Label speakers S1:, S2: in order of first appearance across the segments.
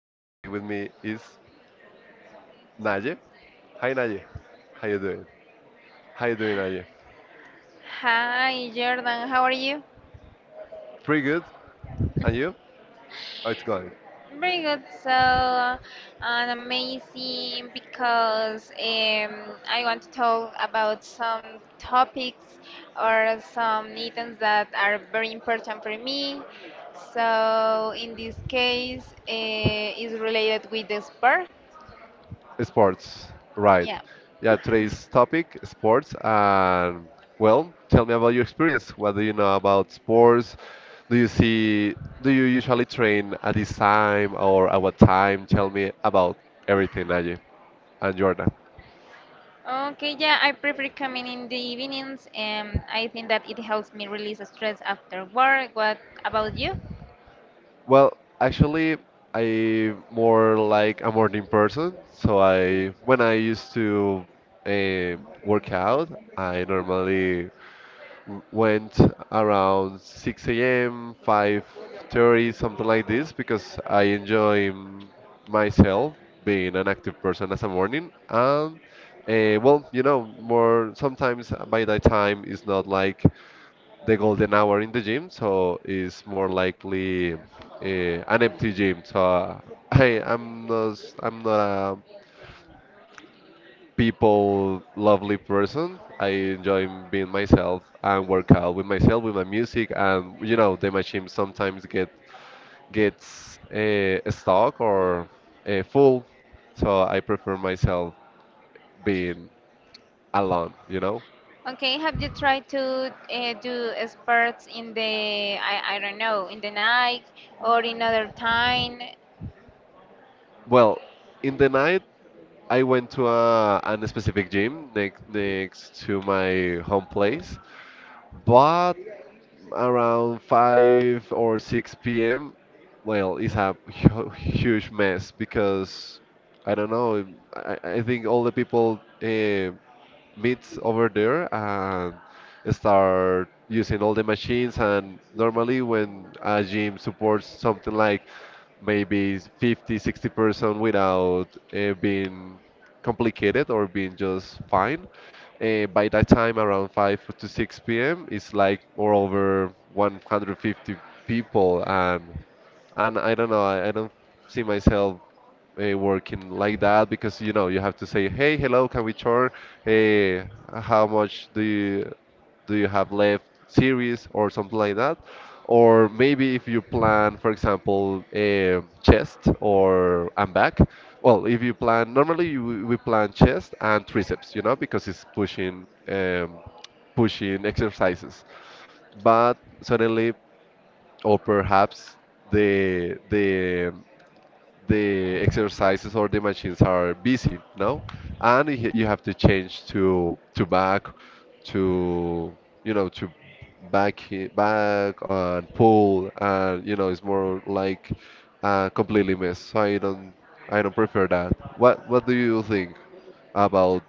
S1: and today with me is Naye. Hi Naye, how you doing? How you doing Naye?
S2: Hi Jordan, how are you?
S1: Pretty good, and you? How it's going?
S2: Very good. So, and amazing, because I want to talk about some topics or some items that are very important for me. So, in this case, is related with the sport.
S1: Sports, right?
S2: Yeah.
S1: Yeah, today's topic sports, and well, tell me about your experience. What do you know about sports? Do you see? Do you usually train at this time or at what time? Tell me about everything, Naye and Jordan.
S2: Okay, yeah, I prefer coming in the evenings, and I think that it helps me release stress after work. What about you?
S1: Well, actually, I more like a morning person. So I, when I used to uh, work out, I normally went around 6 a.m., 5:30, something like this, because I enjoy myself being an active person as a morning. And well, you know, more sometimes by that time it's not like the golden hour in the gym, so it's more likely an empty gym. So I'm not a people lovely person. I enjoy being myself and work out with myself with my music, and you know the machine sometimes gets stuck or full, so I prefer myself being alone. You know,
S2: Okay, have you tried to do sports in I don't know, in the night or in other time?
S1: well in the night I went to a specific gym next to my home place, but around 5 or 6 p.m., well, it's a huge mess because I don't know. I think all the people meet over there and start using all the machines. And normally, when a gym supports something like maybe 50, 60% without being complicated or being just fine. By that time, around 5 to 6 p.m., it's like more over 150 people, and I don't know, I don't see myself working like that because you know you have to say, hey, hello, can we chart? Hey, how much do you have left series or something like that? Or maybe if you plan, for example, a chest or and back. Well, if you plan, normally we plan chest and triceps, you know, because it's pushing pushing exercises. But suddenly, or perhaps the the exercises or the machines are busy, no? And you have to change to back, to you know to back and pull, and you know it's more like completely mess. So I don't prefer that. What do you think about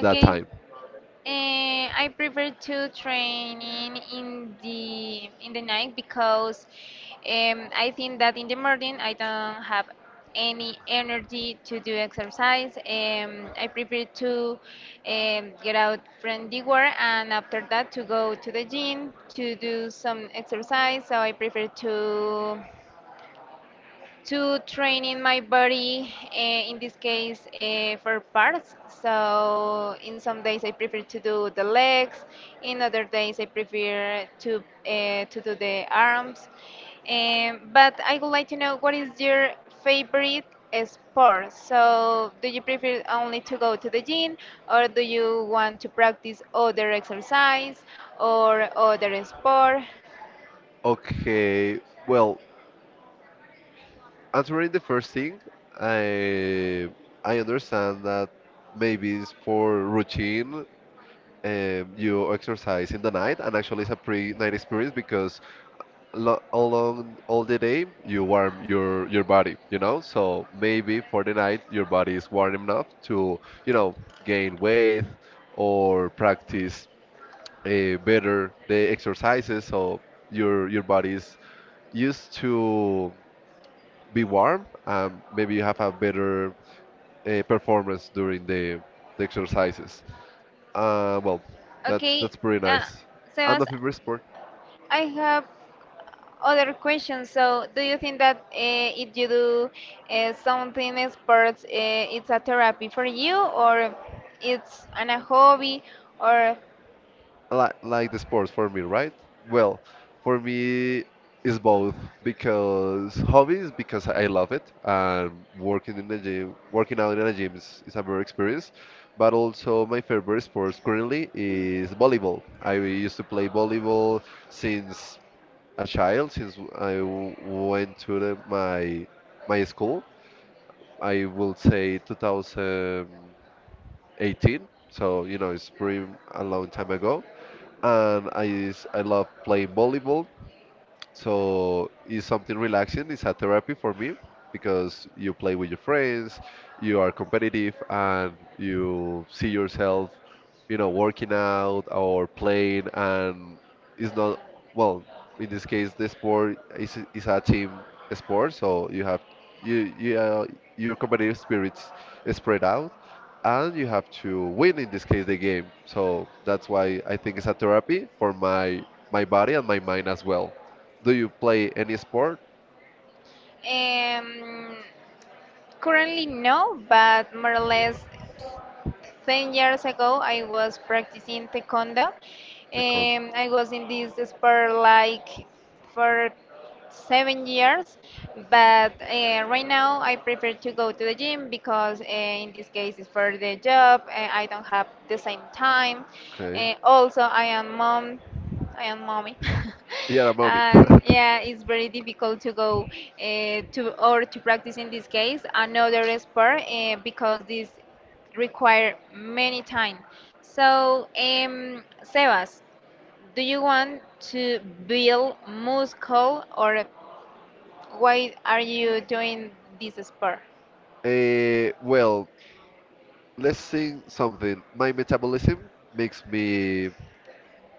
S1: that time?
S2: I prefer to training in the night, because I think that in the morning I don't have any energy to do exercise. I prefer to get out from the work, and after that to go to the gym to do some exercise. So I prefer to training my body, in this case for parts. So in some days I prefer to do the legs, in other days I prefer to do the arms. But I would like to know, what is your favorite sport? So do you prefer only to go to the gym, or do you want to practice other exercise or other sport?
S1: Okay, well, answering the first thing, I I understand that maybe it's for routine you exercise in the night, and actually it's a pre-night experience because lo along all the day you warm your body, you know. So maybe for the night your body is warm enough to, you know, gain weight or practice better the exercises. So your body is used to be warm, and maybe you have a better performance during the exercises. Well,
S2: Okay,
S1: that's pretty
S2: uh,
S1: nice. And the
S2: Sebas,
S1: favorite sport,
S2: I have other question. So, do you think that if you do something sports, it's a therapy for you, or it's a hobby, or
S1: like the sports for me, right? Well, for me is both because hobbies because I love it and working in the gym, working out in the gym is a better experience. But also my favorite sport currently is volleyball. I used to play volleyball since a child, since I went to my my school. I will say 2000. 18, so you know it's pretty a long time ago. And I love playing volleyball. So it's something relaxing. It's a therapy for me because you play with your friends, you are competitive, and you see yourself, you know, working out or playing. And it's not, well, in this case, the sport is a team sport, so you have you, you uh, your competitive spirits spread out, and you have to win in this case the game. So that's why I think it's a therapy for my my body and my mind as well. Do you play any sport?
S2: um, currently no, but more or less 10 years ago, I was practicing taekwondo.
S1: The con.
S2: I was in this sport like for 7 years, but right now I prefer to go to the gym, because in this case it's for the job. I don't have the same time. Uh,
S1: Okay.
S2: also, I am mom. I am mommy.
S1: You're a mommy.
S2: And yeah, it's very difficult to go to or to practice in this case another sport, because this require many time. So, Sebas, do you want to build muscle, or why are you doing this sport?
S1: Eh, well, let's think something. My metabolism makes me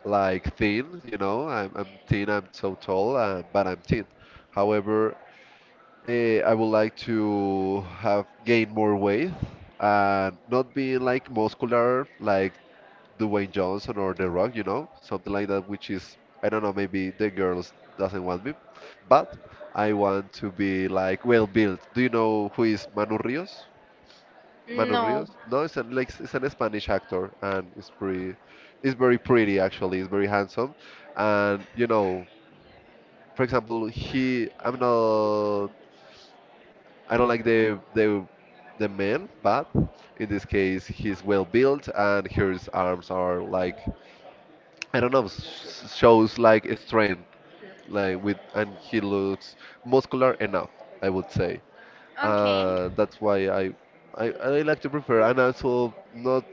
S1: like thin, you know. I'm thin, I'm so tall, but I'm thin. However, eh, I would like to have gain more weight and not being like muscular, like Dwayne Johnson or The Rock, you know, something like that, which is, I don't know, maybe the girls doesn't want me, but I want to be like well built. Do you know who is Manu Rios? Manu
S2: No.
S1: Rios? No, it's an like it's an Spanish actor and it's pretty, it's very pretty actually. It's very handsome, and you know, for example, he I'm not I don't like the the man, but in this case, he's well built and his arms are like I don't know, shows like strength, like with, and he looks muscular enough, I would say.
S2: Okay.
S1: That's why I like to prefer, and also not,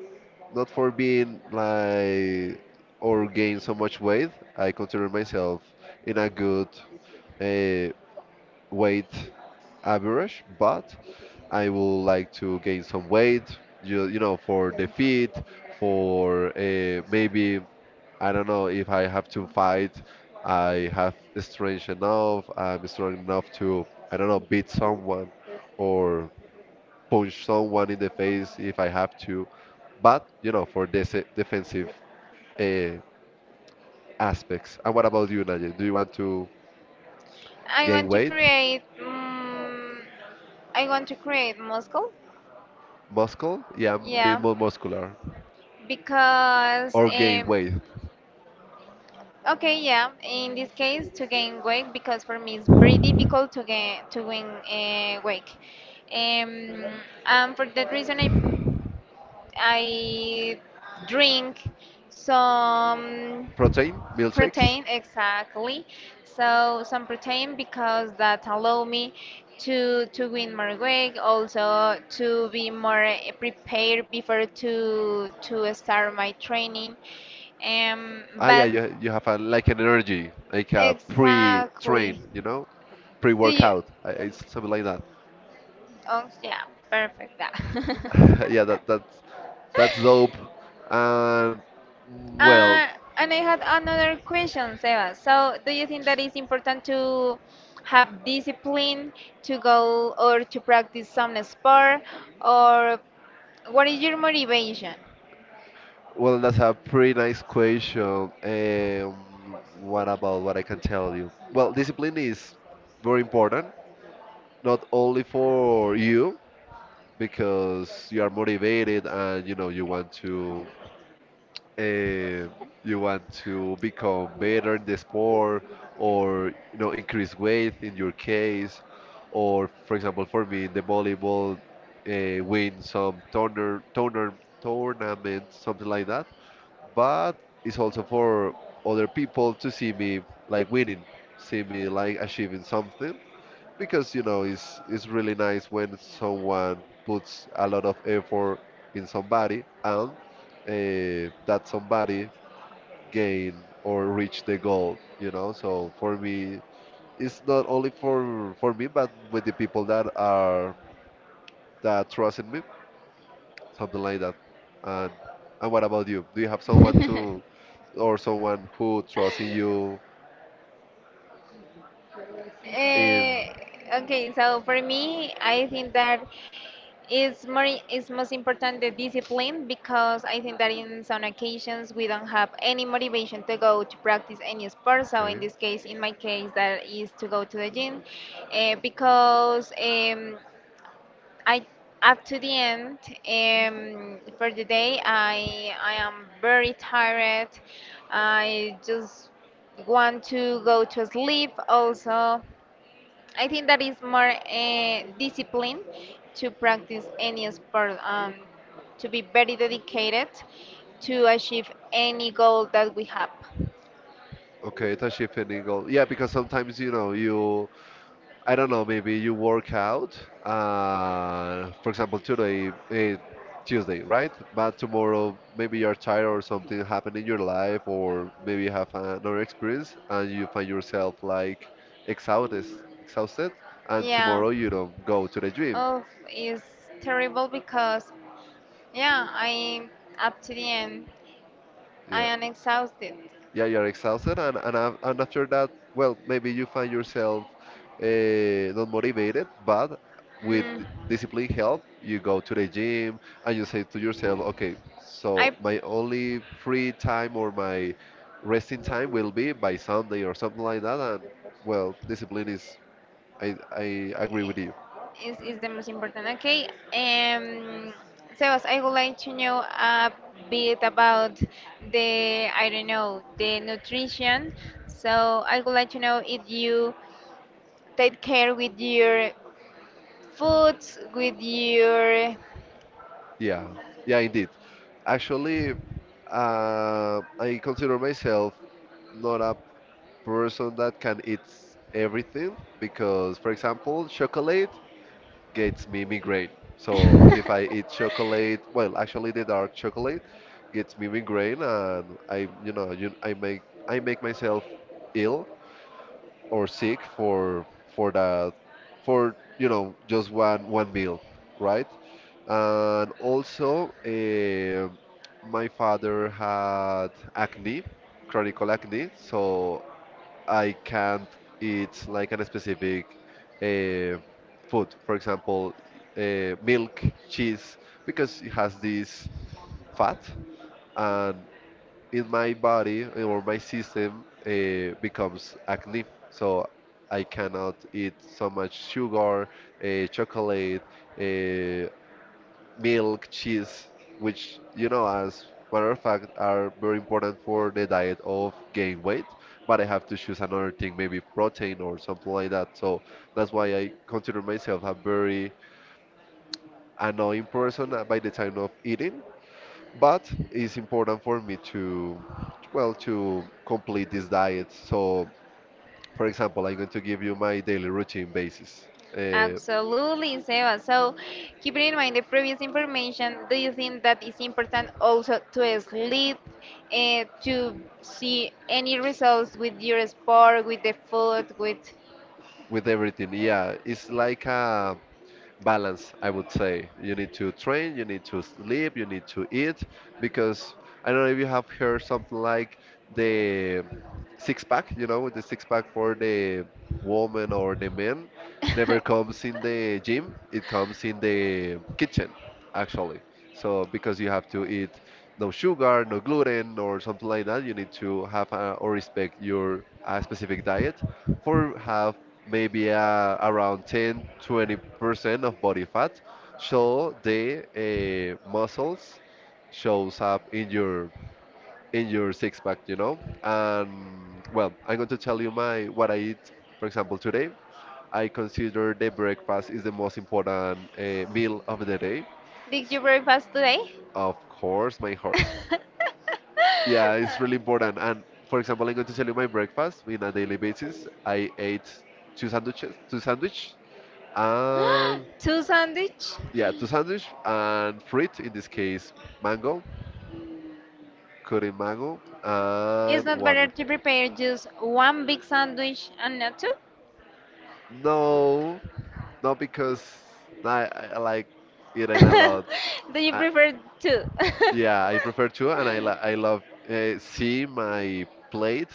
S1: not for being like or gain so much weight. I consider myself in a good uh, weight average, but I would like to gain some weight, you know, for the fit, for maybe I don't know if I have to fight. I have strength enough. I'm strong enough to, I don't know, beat someone or punch someone in the face if I have to. But, you know, for this defensive uh, aspects. And what about you, Najee? Do you want to
S2: I
S1: gain
S2: want to
S1: weight?
S2: create. I want to create muscle.
S1: Muscle? Yeah, I'm being
S2: Yeah,
S1: more muscular.
S2: because
S1: Or gain weight.
S2: Okay, yeah. In this case, to gain weight, because for me it's very difficult to gain to win weight, um, and for that reason I drink some
S1: Protein? Milkshakes?
S2: protein, exactly. So some protein, because that allow me to win more weight, also to be more prepared before to start my training. Um,
S1: Ah, yeah,
S2: but
S1: you have a, like an energy, like a pre-train,
S2: exactly.
S1: you know?
S2: Do you?
S1: Pre-workout. I- It's something like that.
S2: Oh, yeah, perfect. That.
S1: Yeah, that's that's dope. And well,
S2: uh, and I had another question, Seba. So, do you think that it's important to have discipline to go or to practice some sport, or what is your motivation?
S1: well, that's a pretty nice question. What about what I can tell you? Well, discipline is very important, not only for you because you are motivated and you know uh, you want to become better in the sport or you know increase weight in your case or for example for me in the volleyball win some tournament something like that, but it's also for other people to see me like winning, see me like achieving something, because you know it's really nice when someone puts a lot of effort in somebody and that somebody gain or reach the goal, you know. So for me it's not only for me, but with the people that are that trust in me, something like that. And what about you? Do you have someone to or someone who trusts in you in?
S2: Uh, okay, so for me, I think that it's most important the discipline, because I think that in some occasions we don't have any motivation to go to practice any sport. So in
S1: Okay,
S2: this case, in my case, that is to go to the gym, because I up to the end, for the day I am very tired. I just want to go to sleep. Also, I think that is more discipline to practice any sport, to be very dedicated to achieve any goal that we have.
S1: okay, it's a shift in goal, yeah, because sometimes you know you I don't know, maybe you work out, for example, today, eh, Tuesday, right? But tomorrow, maybe you're tired or something happened in your life, or maybe you have another experience and you find yourself like exhausted, exhausted, and
S2: Yeah.
S1: tomorrow you don't go to the gym.
S2: Oh, it's terrible because, yeah, I up to the end, I
S1: Yeah.
S2: am exhausted.
S1: Yeah, you're exhausted, and and after that, well, maybe you find yourself not motivated, but with
S2: Mm.
S1: discipline help, you go to the gym and you say to yourself, okay,
S2: I
S1: so my only free time or my resting time will be by Sunday or something like that, and well, discipline is, I agree with you.
S2: is the most important. Okay, um, Sebas, I would like to know a bit about the, I don't know, the nutrition. So I would like to know if you take care with your foods, with your
S1: Yeah, yeah, indeed. Actually, I consider myself not a person that can eat everything because, for example, chocolate gets me migraine. So if I eat chocolate, well, actually the dark chocolate gets me migraine, and I, you know, I make myself ill or sick for that for you know just one meal, right? And also, eh, my father had acne, chronic acne, so I can't eat like a specific uh, food, for example, milk, cheese, because it has this fat, and in my body or my system becomes acne. So I cannot eat so much sugar, chocolate, uh, milk, cheese, which, you know, as matter of fact, are very important for the diet of gain weight. But I have to choose another thing, maybe protein or something like that. So that's why I consider myself a very annoying person by the time of eating. But it's important for me to, well, to complete this diet. So, for example, I'm going to give you my daily routine basis uh,
S2: Absolutely, Sebas. So, keeping in mind the previous information, do you think that it's important also to sleep, to see any results with your sport, with the food, with
S1: with everything. Yeah, it's like a balance, I would say. You need to train, you need to sleep, you need to eat, because I don't know if you have heard something like the six pack, you know, the six pack for the woman or the man never comes in the gym, it comes in the kitchen, actually. So because you have to eat no sugar, no gluten, or something like that, you need to have or respect your specific diet for have maybe around ten, 20% of body fat so the muscles shows up in your six pack, and I'm going to tell you my what I eat. For example, today I consider the breakfast is the most important meal of the day.
S2: Did you breakfast today?
S1: Of course, my horse. Yeah, it's really important. And for example, I'm going to tell you my breakfast in a daily basis. I ate two sandwich and
S2: Two sandwich?
S1: yeah, two sandwich and fruit, in this case, mango, cutting mango,
S2: It's
S1: and
S2: not
S1: water.
S2: better to prepare just one big sandwich and not two?
S1: No, no, because I like eating a lot.
S2: Do you
S1: Uh,
S2: prefer two?
S1: yeah, I prefer to, and I love see my plate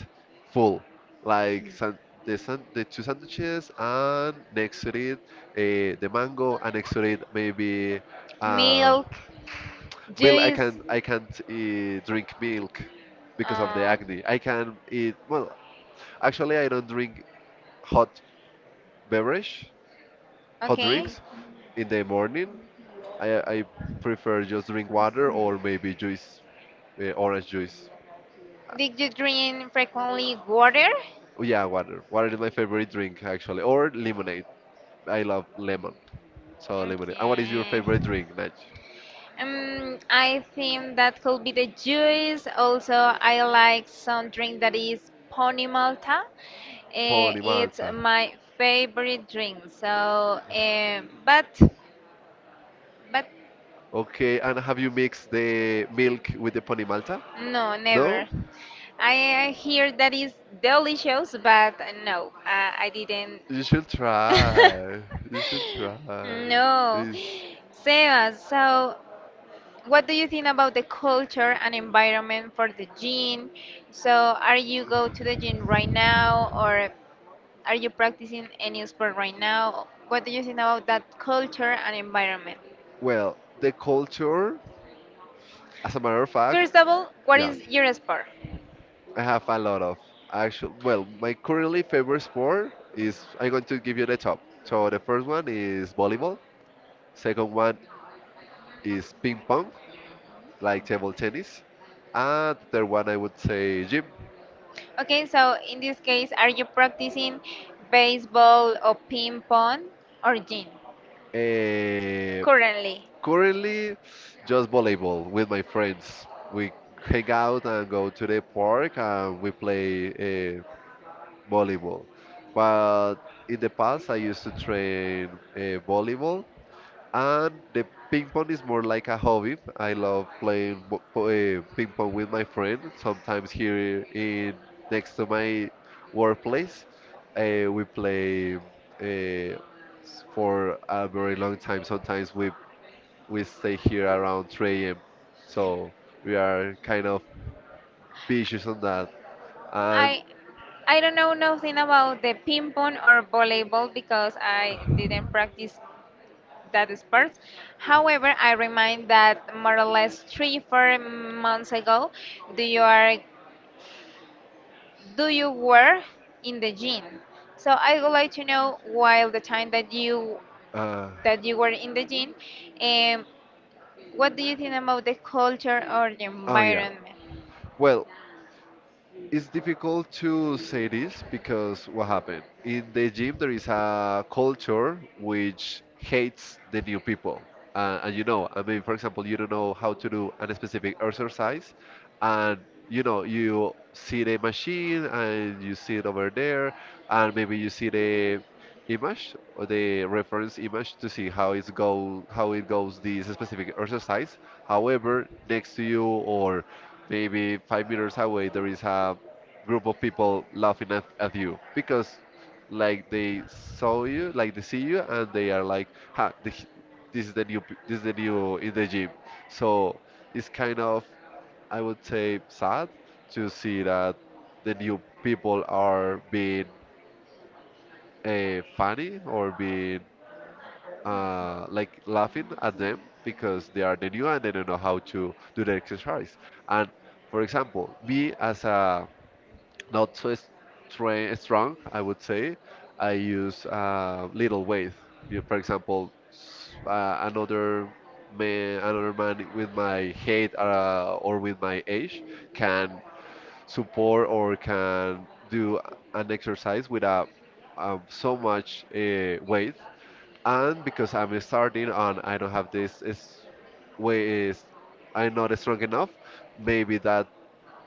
S1: full, like san the two sandwiches, and next to it, the mango, and next to it, maybe. Uh,
S2: Milk,
S1: Milk,
S2: juice.
S1: I can't drink milk because of the
S2: Uh,
S1: acne. I can eat well. Actually, I don't drink hot beverage, hot
S2: okay.
S1: drinks in the morning. I prefer just drink water or maybe juice, orange juice.
S2: Did you drink frequently water?
S1: Oh, yeah, water. Water is my favorite drink actually, or lemonade. I love lemon, so lemonade. And what is your
S2: Okay.
S1: favorite drink, Naj?
S2: I think that could be the juice. Also, I like some drink that is Pony Malta. Eh,
S1: Pony
S2: it's
S1: Malta.
S2: my favorite drink. So, but
S1: Okay, and have you mixed the milk with the Pony Malta?
S2: no, never.
S1: No?
S2: I hear that is delicious, but no, I didn't.
S1: You should try. You should try.
S2: No,
S1: Is
S2: Sebas. So, what do you think about the culture and environment for the gym? So, are you go to the gym right now, or are you practicing any sport right now? What do you think about that culture and environment?
S1: well, the culture, as a matter of fact,
S2: First of all, what
S1: yeah,
S2: is your sport?
S1: I have a lot of actual. Well, my currently favorite sport is I'm going to give you the top. So the first one is volleyball. Second one is ping pong, like table tennis, and the third one I would say gym.
S2: Okay, so in this case, are you practicing baseball or ping pong or gym
S1: Eh,
S2: currently?
S1: Currently, just volleyball with my friends. We hang out and go to the park and we play uh, volleyball. But in the past, I used to train volleyball, and the ping pong is more like a hobby. I love playing ping pong with my friend. Sometimes here in next to my workplace, we play. Uh, for a very long time. Sometimes we stay here around 3 a.m. So we are kind of vicious on that. And
S2: I I don't know nothing about the ping pong or volleyball, because I didn't practice that sparks. However, I remind that more or less 3, 4 months ago, do you are, do you were in the gym? So I would like to know while the time
S1: uh,
S2: that you were in the gym, um, what do you think about the culture or the
S1: oh yeah,
S2: environment?
S1: well, it's difficult to say this because what happened? In the gym, there is a culture which hates the new people. And you know, I mean, for example, you don't know how to do a specific exercise, and you know, you see the machine and you see it over there, and maybe you see the image or the reference image to see how it goes this specific exercise. However, next to you or maybe five meters away, there is a group of people laughing at you because like they see you and they are like this is the new in the gym. So it's kind of, I would say, sad to see that the new people are being funny or being like laughing at them because they are the new and they don't know how to do the exercise. And for example, me as a not so stra strong, I would say. I use little weight. You, for example, another man with my height or with my age can support or can do an exercise without so much weight. And because I'm starting and I don't have this is way is I'm not strong enough, maybe that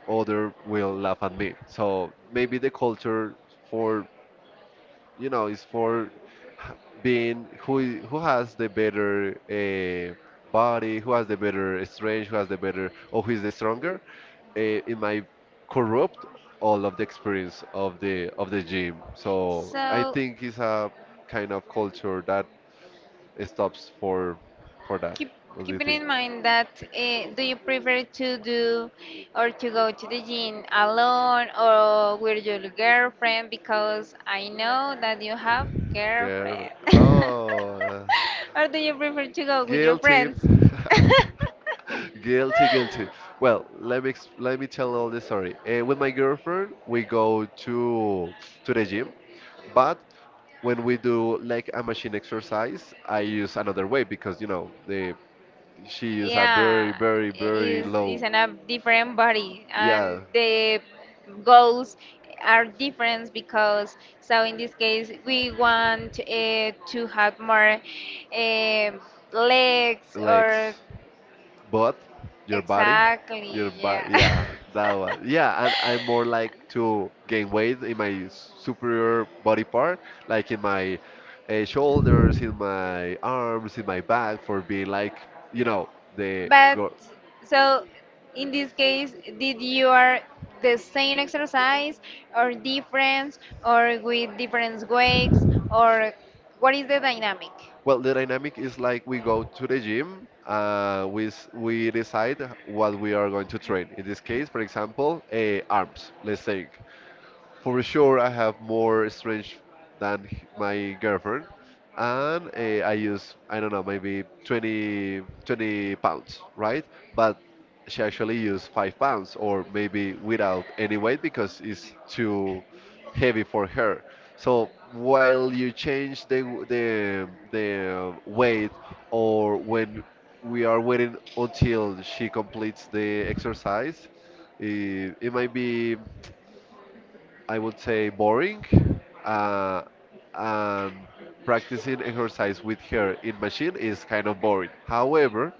S1: other will laugh at me. So maybe the culture for, you know, is for h- being who has the better body, who has the better strength, who has the better, or who is the stronger. It might corrupt all of the experience of the gym. So I
S2: So
S1: think it's a kind of culture that stops for that.
S2: keep
S1: What do you
S2: keeping
S1: think?
S2: in mind that, do you prefer to do or to go to the gym alone or with your girlfriend, because I know that you have
S1: Girl,
S2: girlfriend?
S1: oh.
S2: Or do you prefer to go with your
S1: Guilty.
S2: friends?
S1: Guilty, guilty. Well, let me tell all the story. With my girlfriend, we go to the gym, but when we do like a machine exercise, I use another way because you know the she use a very,
S2: Yeah,
S1: very, very
S2: is
S1: low,
S2: in a different body, and
S1: yeah,
S2: the goals are different, because so in this case we want to have more eh, legs, or
S1: legs. But your body,
S2: exactly,
S1: your
S2: yeah.
S1: body, yeah, that one. Yeah, and I'm more like to gain weight in my superior body part, like in my shoulders, in my arms, in my back, for being like, you know, the
S2: But
S1: girl.
S2: so in this case, did you are the same exercise or different, or with different weights, or what is the dynamic?
S1: Well, the dynamic is like we go to the gym, we decide what we are going to train. In this case, for example, arms, let's say. For sure, I have more strange than my girlfriend, and I use, I don't know, maybe 20 pounds, right? But she actually used 5 pounds, or maybe without any weight because it's too heavy for her. So while you change the w- the weight, or when we are waiting until she completes the exercise, it might be, I would say, boring, uh, and practicing exercise with her in machine is kind of boring. However,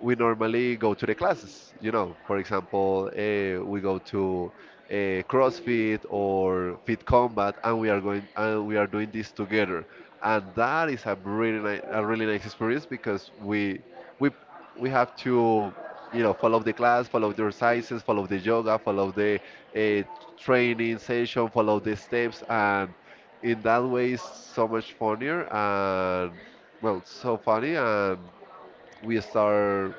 S1: we normally go to the classes. You know, for example, we go to uh, CrossFit or Fit Combat, and we are going and we are doing this together. And that is a really nice experience because we we have to, you know, follow the class, follow the exercises, follow the yoga, follow the uh, training session, follow the steps, and in that way it's so much funnier and well so funny and we start,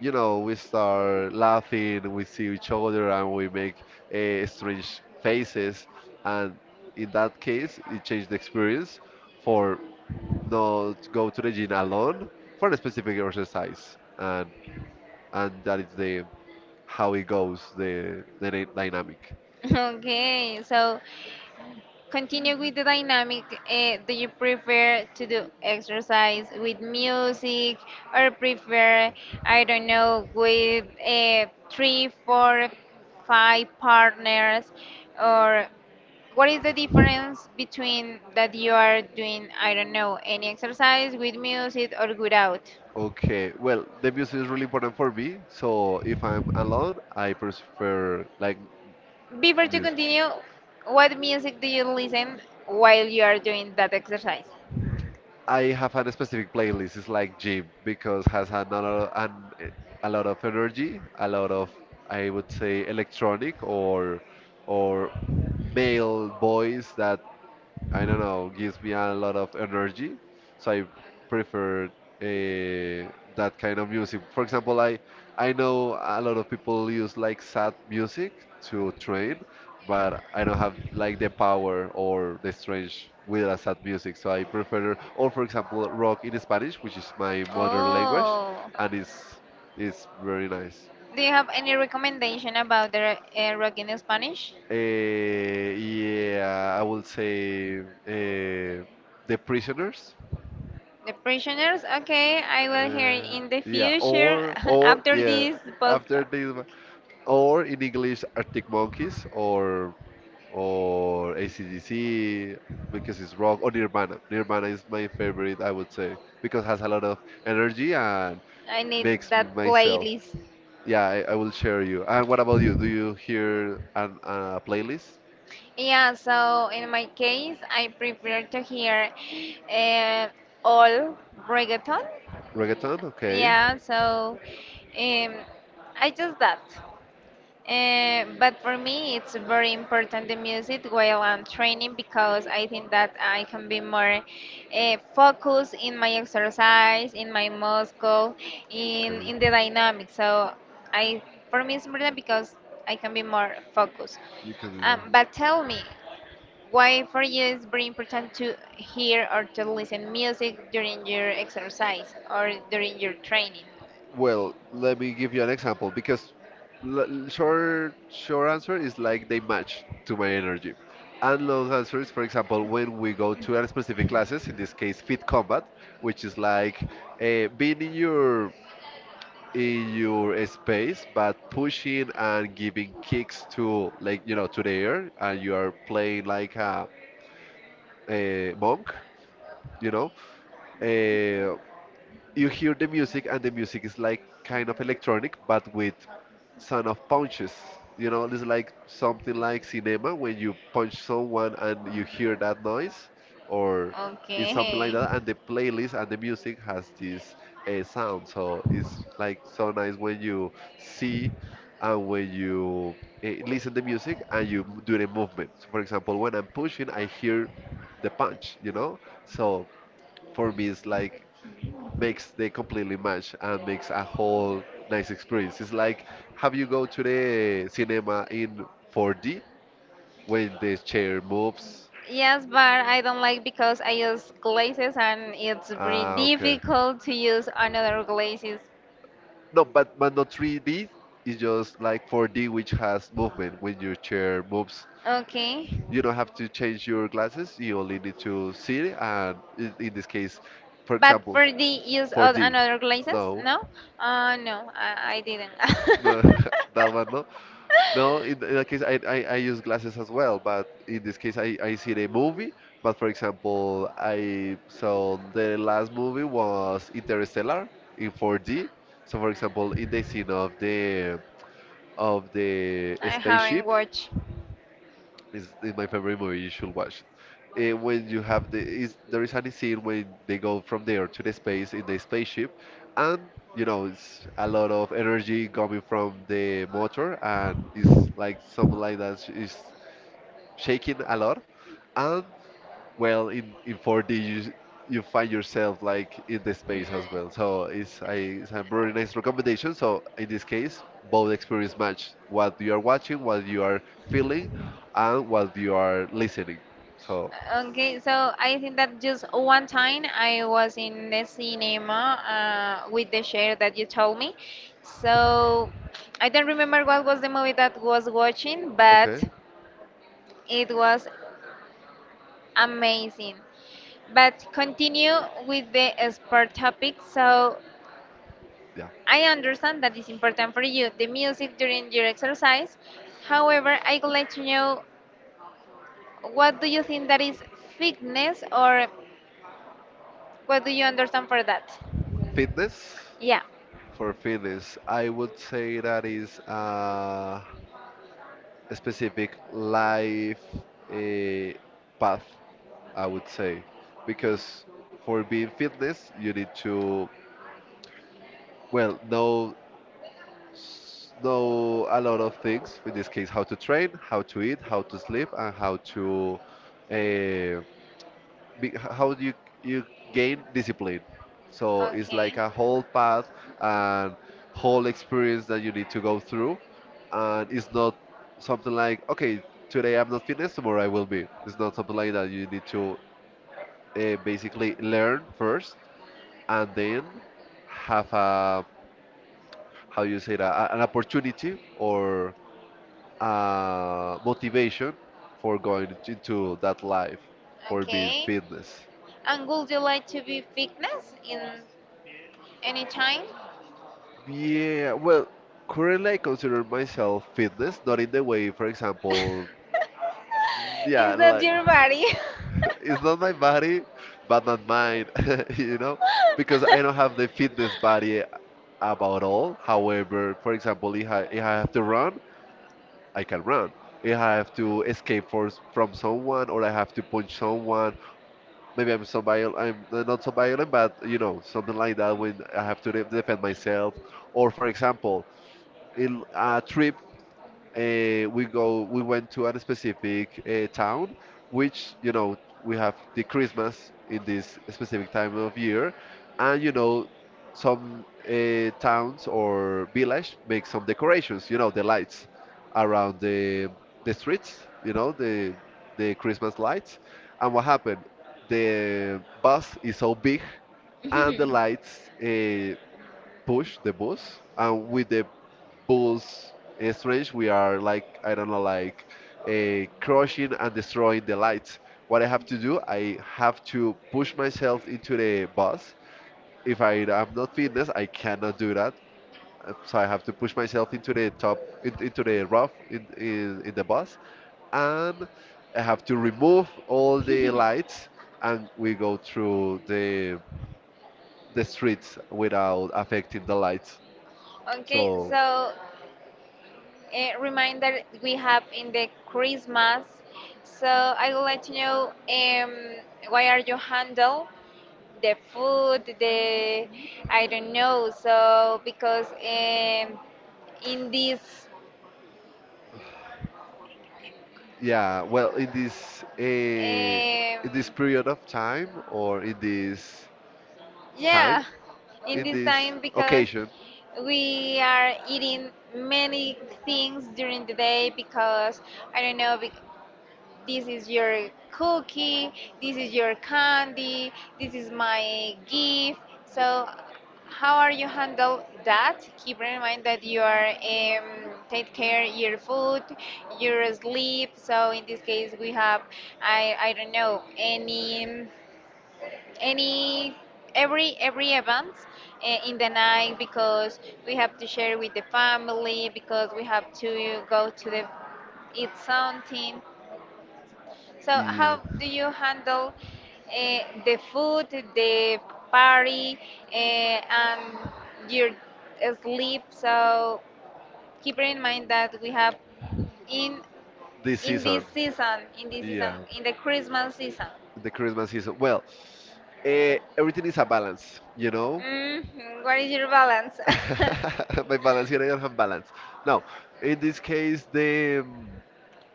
S1: you know, we start laughing, we see each other, and we make strange faces. And in that case, it changed the experience for not go to the gym alone for a specific exercise. And that is the how it goes, dynamic.
S2: Okay, so continue with the dynamic. Do you prefer to do exercise with music, or prefer, I don't know, with three, four, five partners? Or what is the difference between that you are doing, I don't know, any exercise with music or without?
S1: Okay, well, the music is really important for me. So if I'm alone, I prefer like
S2: Before to
S1: music.
S2: continue, what music do you listen while you are doing that exercise?
S1: I have a specific playlist. It's like gym because has a lot of, a lot of energy, a lot of, I would say, electronic or male voice that, I don't know, gives me a lot of energy. So I prefer that kind of music. For example, I know a lot of people use like sad music to train, but I don't have like the power or the strength with a sad music. So I prefer, or for example, rock in Spanish, which is my mother language,
S2: Oh.
S1: and it's very nice.
S2: Do you have any recommendation about the rock in Spanish?
S1: Yeah, I would say The Prisoners.
S2: The Prisoners? Okay, I will hear it
S1: Uh,
S2: in the
S1: yeah,
S2: future
S1: or
S2: after
S1: yeah,
S2: this
S1: after
S2: podcast.
S1: this, or in English, Arctic Monkeys or AC/DC because it's rock or Nirvana. Nirvana is my favorite, I would say, because it has a lot of energy and
S2: I need
S1: makes
S2: that
S1: myself.
S2: playlist.
S1: Yeah, I will share you. And what about you? Do you hear an a playlist?
S2: Yeah, so in my case, I prefer to hear uh, all reggaeton.
S1: Reggaeton? Okay,
S2: Yeah, so um, I just that. But for me, it's very important the music while I'm training, because I think that I can be more focused in my exercise, in my muscle, in
S1: okay,
S2: in the dynamics. So, I for me, it's important, because I can be more focused.
S1: you
S2: Um,
S1: can.
S2: but tell me, why for you it's very important to hear or to listen music during your exercise or during your training?
S1: Well, let me give you an example because short answer is like they match to my energy. And long answer is, for example, when we go to a specific classes, in this case, fit combat, which is like being in your space, but pushing and giving kicks to, like, you know, to the air, and you are playing like a monk, you know. Uh, you hear the music and the music is like kind of electronic but with sound of punches, you know, it's like something like cinema when you punch someone and you hear that noise or it's something like
S2: Okay.
S1: that. And the playlist and the music has this sound, so it's like so nice when you see and when you listen the music and you do the movement. So, for example, when I'm pushing I hear the punch, you know. So for me it's like makes they completely match and makes a whole nice experience. It's like, have you go to the cinema in 4D when the chair moves?
S2: Yes, but I don't like because I use glazes, and it's very
S1: Ah, okay.
S2: difficult to use another glazes.
S1: No, but not 3D. It's just like 4D, which has movement when your chair moves.
S2: Okay.
S1: You don't have to change your glasses. You only need to see it. And in this case, for
S2: But
S1: example,
S2: for the use of
S1: 4D.
S2: another glasses,
S1: No,
S2: no? No, I didn't.
S1: no, that one no. No, in that case, I use glasses as well, but in this case, I see a movie. But for example, I saw the last movie was Interstellar in 4D. So for example, in the scene of the
S2: I haven't
S1: spaceship,
S2: watched.
S1: it's my favorite movie. You should watch it. When you have there is any scene when they go from there to the space in the spaceship, and you know it's a lot of energy coming from the motor, and it's like something like that is shaking a lot, and well in 4D you you find yourself like in the
S2: Hmm.
S1: space as well.
S2: Uh,
S1: So it's a very nice recommendation. So in this case, both experience match what you are watching, what you are feeling, and what you are listening. So
S2: Okay, so I think that just one time I was in the cinema with the share that you told me. So I don't remember what was the movie that was watching, but
S1: okay,
S2: it was amazing. But continue with the sport topic. So
S1: yeah.
S2: I understand that it's important for you, the music during your exercise. However, I would like to know, what do you think that is fitness, or what do you understand for that?
S1: Fitness,
S2: Yeah.
S1: for fitness I would say that is a specific life a path. I would say because for being fitness, you need to Well, know know a lot of things. In this case, how to train, how to eat, how to sleep, and how to uh, be, how do you gain discipline. So it's
S2: Okay.
S1: like a whole path and whole experience that you need to go through, and it's not something like, okay, today I'm not fitness, tomorrow I will be. It's not something like that. You need to basically learn first and then have a, how you say that, an opportunity or motivation for going into that life, for being
S2: Okay.
S1: fitness.
S2: And would you like to be fitness in any time?
S1: Yeah, well, currently I consider myself fitness, not in the way, for example. Yeah,
S2: Is that
S1: like,
S2: your body?
S1: it's not my body, but not mine, you know, because I don't have the fitness body about all. However, for example, if I have to run, I can run. If I have to escape from someone, or I have to punch someone, maybe I'm so violent. I'm not so violent, but, you know, something like that, when I have to defend myself. Or for example, in a trip, we went to a specific town which, you know, we have the Christmas in this specific time of year. And, you know, some towns or village make some decorations, you know, the lights around the streets, you know, the Christmas lights. And what happened, the bus is so big, and the lights, push the bus, and with the bus, strange, we are like, I don't know, like, crushing and destroying the lights. What I have to do, I have to push myself into the bus. If I am not fitness, I cannot do that. So I have to push myself into the top, into the roof, in the bus, and I have to remove all the lights, and we go through the streets without affecting the lights.
S2: Okay,
S1: So.
S2: so a reminder we have in the Christmas. So I would like to know, why are you handle the food, the I don't know. So because in this
S1: Yeah, well, in this
S2: um,
S1: period of time, or in this time,
S2: yeah, in
S1: in
S2: this
S1: this
S2: time, because
S1: occasion.
S2: we are eating many things during the day, because I don't know. This is your cookie, this is your candy, this is my gift. So, how are you handle that? Keep in mind that you are take care your food, your sleep. So in this case, we have I don't know, any every event, in the night, because we have to share with the family, because we have to go to the eat something. So,
S1: Yeah,
S2: how do you handle the food, the party, and your sleep? So, keep in mind that we have in
S1: this
S2: in
S1: season.
S2: this season, in this season,
S1: Yeah,
S2: in the Christmas season.
S1: the Christmas season. Well, everything is a balance, you know.
S2: Mm, what is your balance?
S1: My balance here, I don't have balance. Now, in this case,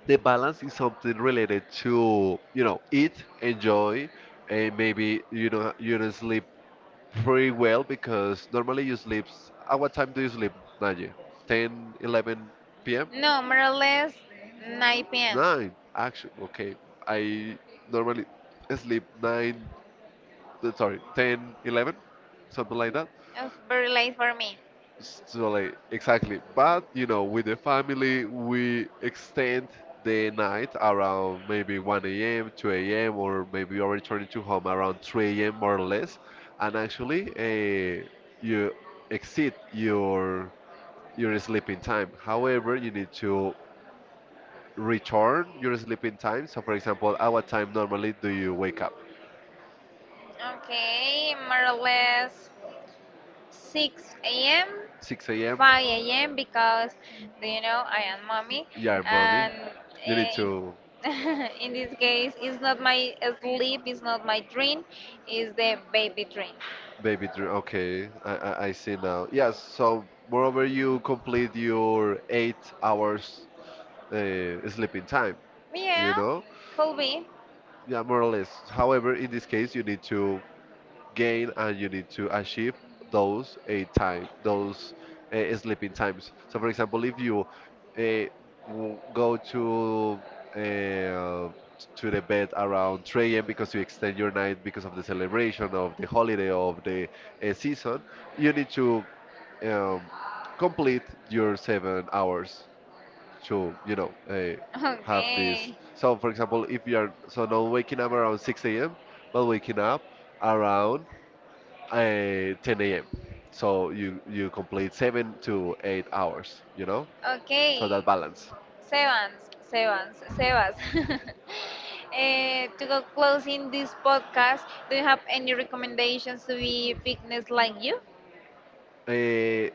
S1: the balance is something related to, you know, eat, enjoy, and maybe, you know, you don't sleep very well, because normally you sleep. At what time do you sleep, Nadia? 10, 11 p.m.?
S2: No, more or less 9 p.m.
S1: 9, actually. Okay. I normally sleep 9, sorry, 10, 11, something like that.
S2: Oh, very late for me.
S1: So, like, exactly. But, you know, with the family, we extend the night around maybe 1 a.m., 2 a.m., or maybe already returning to home around 3 a.m., more or less. And actually, you exceed your sleeping time. However, you need to return your sleeping time. So, for example, at what time normally do you wake up?
S2: Okay, more or less 6 a.m.
S1: 6 a.m.
S2: 5 a.m., because do you know I am mommy,
S1: Yeah, mommy.
S2: and
S1: You need
S2: in
S1: to.
S2: in this case it's not my sleep, it's not my dream, it's the baby dream.
S1: Baby dream. Okay, I see now. Yes, so moreover, you complete your 8 hours sleeping time, you
S2: Yeah,
S1: know?
S2: could be.
S1: Yeah, more or less. However, in this case, you need to gain, and you need to achieve those time, those sleeping times. So for example, if you go uh, to the bed around 3 a.m., because you extend your night because of the celebration of the holiday of the season, you need to um, complete your 7 hours to, you know, have this.
S2: Okay.
S1: So for example, if you are so not waking up around 6 a.m, but waking up around 10 a.m. So you complete 7 to 8 hours, you know? So that
S2: Okay,
S1: balance.
S2: Sebas, Sebas, Sebas. To go closing this podcast, do you have any recommendations to be fitness like you?
S1: Uh,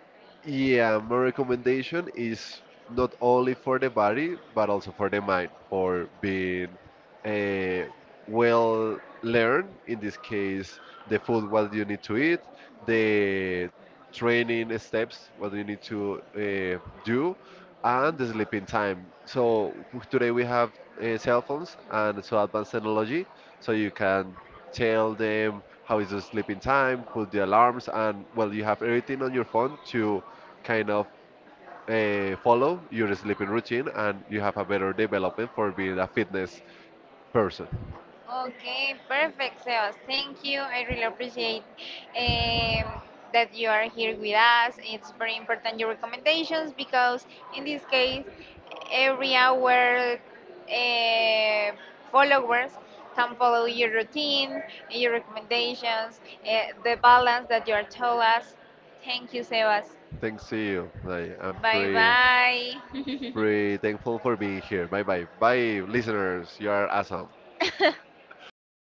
S1: yeah, my recommendation is not only for the body, but also for the mind, for being uh, well learned. In this case, the food, what you need to eat, the training steps, what you need to do, and the sleeping time. So today we have cell phones and so advanced technology, so you can tell them how is the sleeping time, put the alarms, and well, you have everything on your phone to kind of follow your sleeping routine, and you have a better development for being a fitness person.
S2: Okay, perfect, Sebas. Thank you. I really appreciate um, that you are here with us. It's very important your recommendations, because in this case, every hour uh, followers can follow your routine, your recommendations, uh, the balance that you are told us. Thank you, Sebas.
S1: Thanks to you, like, I'm
S2: Bye
S1: pretty
S2: bye.
S1: pretty thankful for being here. Bye bye, bye, listeners. You are awesome. Bye bye.